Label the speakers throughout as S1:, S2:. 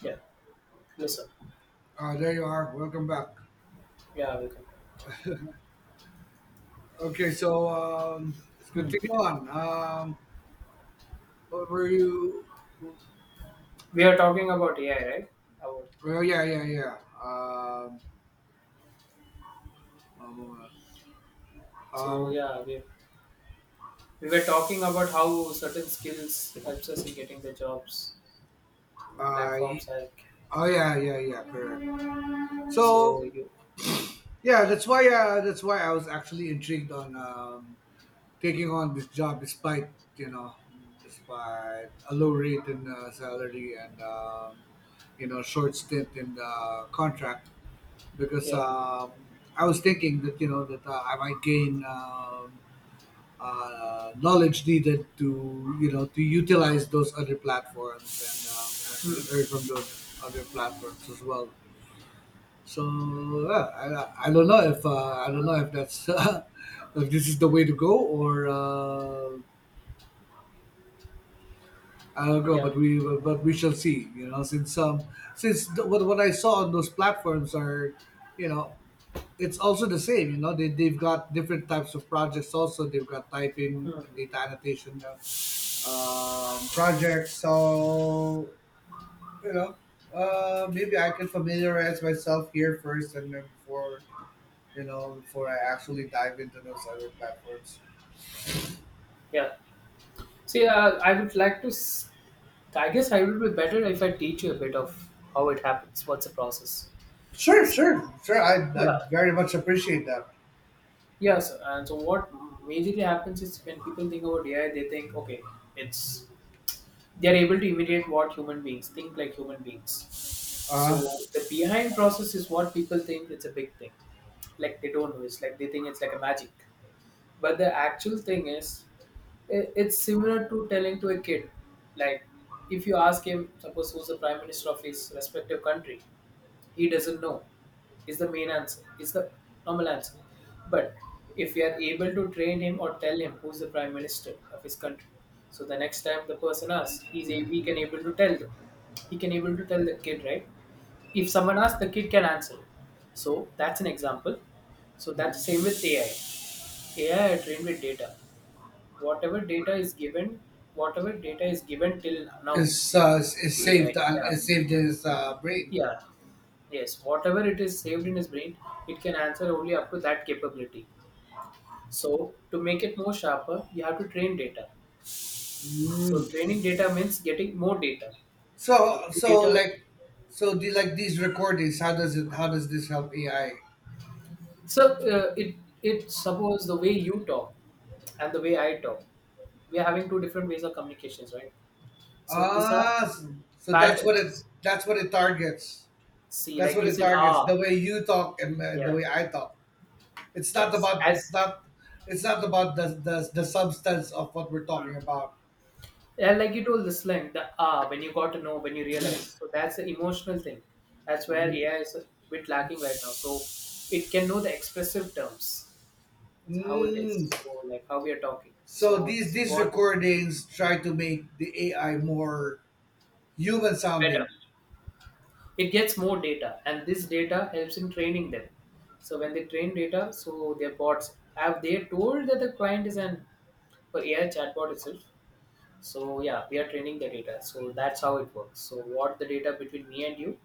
S1: Yeah, listen.
S2: There you are. Welcome back.
S1: Yeah, welcome.
S2: Okay, so let's
S1: Hmm.
S2: continue on. What were you?
S1: We are talking about AI, right? Our,
S2: Oh, yeah, yeah, yeah. Um, um,
S1: so
S2: um,
S1: yeah, we were talking about how certain skills helps us in getting the jobs in
S2: I.
S1: platforms like.
S2: Oh, yeah, yeah, yeah. Correct. So
S1: So you, mm.
S2: yeah, that's why. That's why I was actually intrigued on taking on this job, despite you know, despite a low rate in salary and short stint in the contract because
S1: Yeah.
S2: I was thinking that that I might gain knowledge needed to to utilize those other platforms and actually earn
S1: Hmm.
S2: from those other platforms as well. So yeah, I don't know if I don't know if that's if this is the way to go or I don't know,
S1: Yeah,
S2: but we shall see. Since since the, what I saw on those platforms are, you know it's also the same. They, they've got different types of projects. Also, they've got typing, data annotation, projects. So you know maybe I can familiarize myself here first, and then before, before I actually dive into those other platforms.
S1: yeah. See, I would like to. I guess I would be better if I teach you a bit of how it happens. What's the process?
S2: Sure, sure, sure. I
S1: Yeah.
S2: very much appreciate that.
S1: Yes, and so what majorly happens is when people think about AI, they think, okay, it's they are able to imitate what human beings think, like human beings. So
S2: uh,
S1: the behind process is what people think, it's a big thing. Like they don't know, it's like they think it's like a magic. But the actual thing is, it's similar to telling to a kid. Like if you ask him, suppose, who's the prime minister of his respective country, he doesn't know is the main answer, is the normal answer. But if we are able to train him or tell him who's the prime minister of his country, so the next time the person asks, he's a, we can able to tell them, he can able to tell the kid, right? If someone asks, the kid can answer it. So that's an example. So that's same with AI. AI are trained with data. Whatever data is given, whatever data is given till now.
S2: it's
S1: With AI,
S2: saved.
S1: yeah.
S2: It's saved in his brain.
S1: Yeah, yes. Whatever it is saved in his brain, it can answer only up to that capability. So, to make it more sharper, you have to train data. So,
S2: Mm.
S1: training data means getting more data. The
S2: So
S1: more
S2: so
S1: data.
S2: like so the like these recordings, how does this help AI?
S1: So, it suppose the way you talk and the way I talk, we are having two different ways of communications, right? So, these are
S2: Ah, s- so
S1: patterns.
S2: that's what it targets.
S1: See,
S2: That's
S1: like
S2: what
S1: you
S2: it
S1: said,
S2: targets. The way you talk and the
S1: yeah,
S2: way I talk.
S1: yes,
S2: It's
S1: as.
S2: not, it's not about the substance of what we're talking
S1: Mm.
S2: about.
S1: Yeah, like you told the slang, the when you got to know, when you realize. So that's the emotional thing. That's where AI is a bit lacking right now. So it can know the expressive terms, how it
S2: Mm.
S1: is. So like how we are talking.
S2: So
S1: So
S2: these
S1: this is
S2: these
S1: what
S2: recordings try to make the AI more human
S1: better.
S2: sounding.
S1: It gets more data, and this data helps in training them. So when they train data, so their bots have, they told that the client is an for AI chatbot itself. So yeah, we are training the data. So that's how it works. So what the data between me and you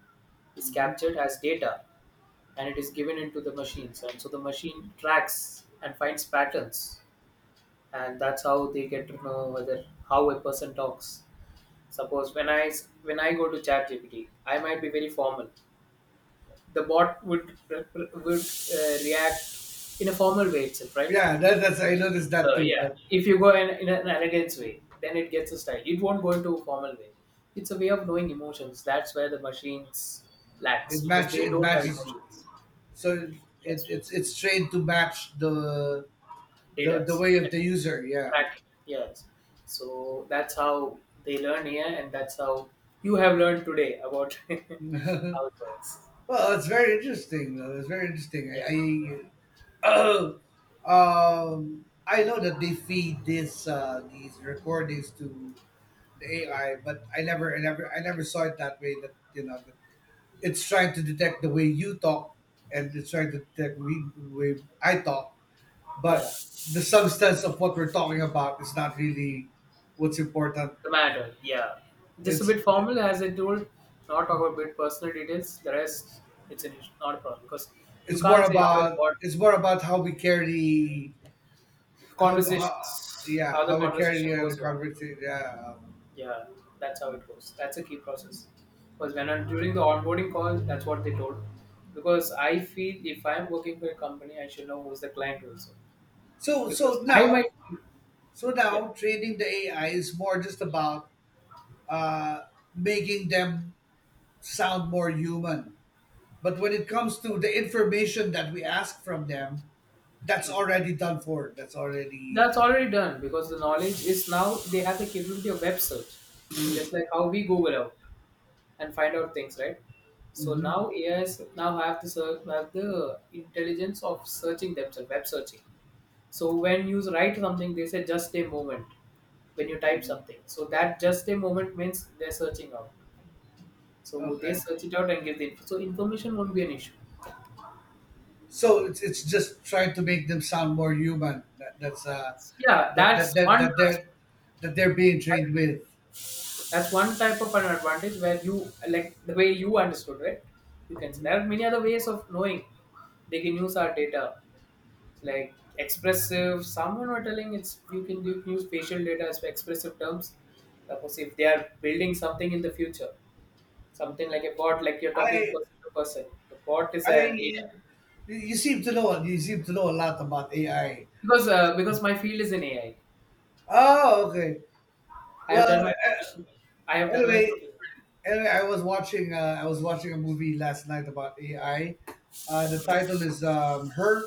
S1: is captured as data, and it is given into the machines, and so the machine tracks and finds patterns, and that's how they get to know whether how a person talks. Suppose when when I go to chat gpt, I might be very formal. The bot would react in a formal way itself, right?
S2: Yeah, that's, I noticed
S1: So
S2: that too,
S1: yeah,
S2: but
S1: if you go in an elegance way, then it gets a style, it won't go into a formal way. It's a way of knowing emotions, that's where the machines lacks because they
S2: it
S1: don't have
S2: matches you.
S1: emotions.
S2: So
S1: Yes.
S2: it's trained to match
S1: Data.
S2: the way of the user. Yeah.
S1: Practice. Yes. So that's how they learn here, and that's how you have learned today about how it
S2: Well,
S1: works.
S2: it's very interesting. Though. It's very
S1: Yeah.
S2: interesting. I I know that they feed this these recordings to the AI, but I never I never saw it that way. That that it's trying to detect the way you talk, and it's trying to detect we the way I talk,
S1: Yeah.
S2: but the substance of what we're talking about is not really what's important.
S1: The matter. Yeah. Just a
S2: it's
S1: bit formal, as I told. Not talk about bit personal details. The rest, it's an issue, not a problem because you
S2: it's more
S1: can't say how I
S2: about,
S1: bought
S2: how we carry, how
S1: conversations,
S2: yeah,
S1: how the
S2: how we carry
S1: conversation
S2: on the
S1: goes on.
S2: conversation. Yeah.
S1: Yeah, that's how it goes. That's a key process. Because when I, during the onboarding call, that's what they told. Because I feel if I'm working for a company, I should know who's the client also.
S2: So so
S1: Because I might,
S2: now
S1: yeah,
S2: Now, training the AI is more just about uh making them sound more human. But when it comes to the information that we ask from them, that's
S1: mm.
S2: already done for that's
S1: That's
S2: already
S1: already done. Because the knowledge is now they have the capability of web search, just like how we Google out and find out things, right? So
S2: Mhm.
S1: now AIs now have have the intelligence of searching themselves, web searching. So when you write something, they say just a moment, when you type something. So that just a moment means they're searching out. So they
S2: Okay.
S1: search it out and give the info. So information won't be an issue.
S2: So it's just trying to make them sound more human. That, that's
S1: Yeah, that's
S2: that
S1: one
S2: they're, that they're being trained with.
S1: that's one type of an advantage where you like the way you understood, right? You can say there are many other ways of knowing. They can use our data. Like expressive, someone were telling it's you can use facial data as expressive terms. Suppose if they are building something in the future, something like a bot, like you're talking
S2: I
S1: person to person. The bot is an
S2: I
S1: AI,
S2: You seem to know, you seem to know a lot about AI.
S1: because my field is in AI.
S2: Oh, okay.
S1: I
S2: Well,
S1: have done my profession. I have done my profession.
S2: anyway, anyway, I was watching a movie last night about AI. The title is Her.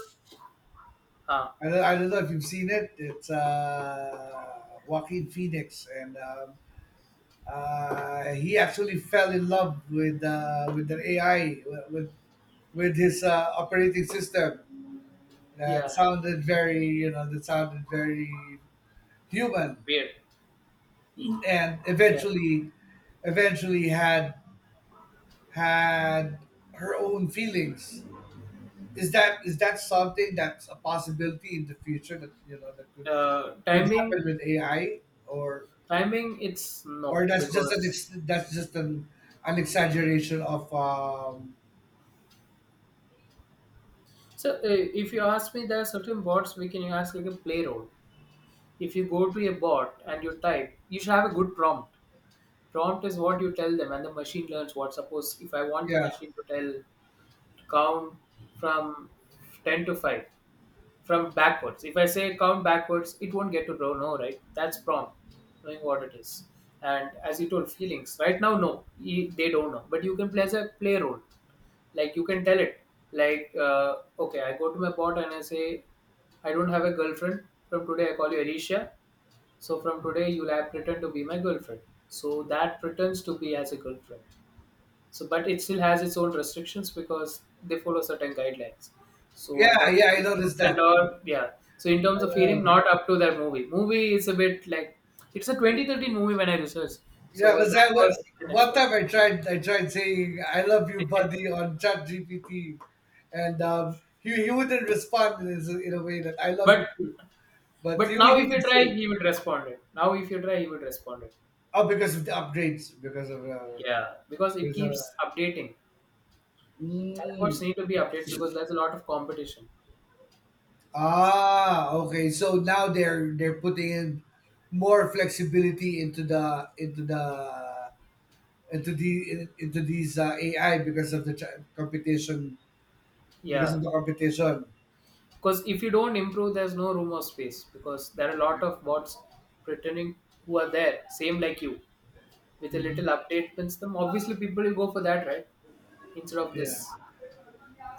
S1: Huh.
S2: I don't know if you've seen it. It's Joaquin Phoenix, and he actually fell in love with the AI, with his operating system that
S1: Yeah.
S2: sounded very, that sounded very human,
S1: Weird.
S2: and
S1: Yeah.
S2: eventually, eventually had had her own feelings. Is that something that's a possibility in the future, that that could
S1: Timing.
S2: happen with AI? Or,
S1: Timing. It's no, because
S2: that's just an exaggeration of
S1: so if you ask me, there are certain bots we can ask like a play role. If you go to a bot and you type, you should have a good prompt. Prompt is what you tell them, and the machine learns what. Suppose if I want the
S2: yeah
S1: machine to tell to count from 10 to 5 from backwards. If I say count backwards, it won't get to know, no, right? That's prompt. Knowing what it is. And as you told, feelings right now no, they don't know. But you can play as a play role. Like you can tell it, like, okay, I go to my bot and I say, I don't have a girlfriend. From today I call you Alicia. So from today you'll have pretend to be my girlfriend. So that pretends to be as a girlfriend. So, but it still has its own restrictions because they follow certain guidelines. So, in
S2: Yeah,
S1: terms
S2: yeah, I
S1: of
S2: noticed
S1: feelings and
S2: that.
S1: all, yeah. So, in terms of feeling,
S2: Uh,
S1: not up to that movie. Movie is a bit like it's a 2013 movie when I researched. So,
S2: yeah, was
S1: that
S2: that
S1: was
S2: what,
S1: you can
S2: one
S1: expect.
S2: time I tried? I tried saying "I love you, buddy" on Chat GPT, and he wouldn't respond in, his, in a way that "I love you
S1: but
S2: too," but
S1: but
S2: he,
S1: now
S2: he
S1: if you
S2: would
S1: try,
S2: say,
S1: he would respond it. Now if you try, he would respond it.
S2: "Oh, because of the upgrades, because of
S1: Yeah, because it
S2: because uh,
S1: keeps updating. Chatbots
S2: mm,
S1: need to be updated because there's a lot of competition.
S2: ah, okay." So now they're putting in more flexibility into the, into these AI because of the computation. Because of
S1: Yeah.
S2: the competition.
S1: Because if you don't improve, there's no room or space, because there are a lot of bots pretending who are there same like you. With a
S2: Hmm.
S1: little update pins them, obviously people will go for that, right? Instead of this.
S2: Yeah,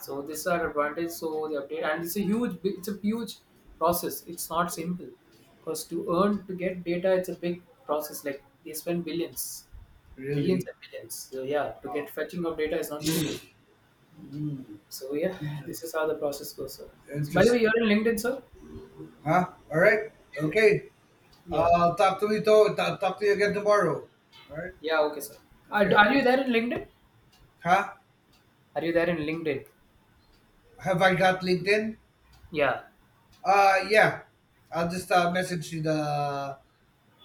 S1: So this are advantage. So the update, and it's a huge process, it's not simple. Because to earn to get data, it's a big process. Like they spend billions, millions
S2: really.
S1: and billions. So yeah, to get
S2: Wow.
S1: fetching of data is not simple.
S2: Mm.
S1: So yeah,
S2: Inter-
S1: this is how the process goes, sir. So, by the way,
S2: Interesting.
S1: you're in LinkedIn, sir?
S2: Huh? All right. Okay.
S1: Yeah.
S2: I'll talk to you, to will talk to you again tomorrow. All right.
S1: Yeah, okay, sir. Are,
S2: Okay.
S1: are you there in LinkedIn?
S2: Huh?
S1: Are you there in LinkedIn?
S2: Have I got LinkedIn?
S1: Yeah.
S2: Yeah. I'll just
S1: Okay.
S2: message you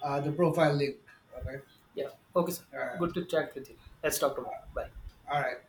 S2: the profile link. Okay.
S1: Yeah. Okay, sir.
S2: All right.
S1: Good to chat with you. Let's talk tomorrow. Bye.
S2: All right.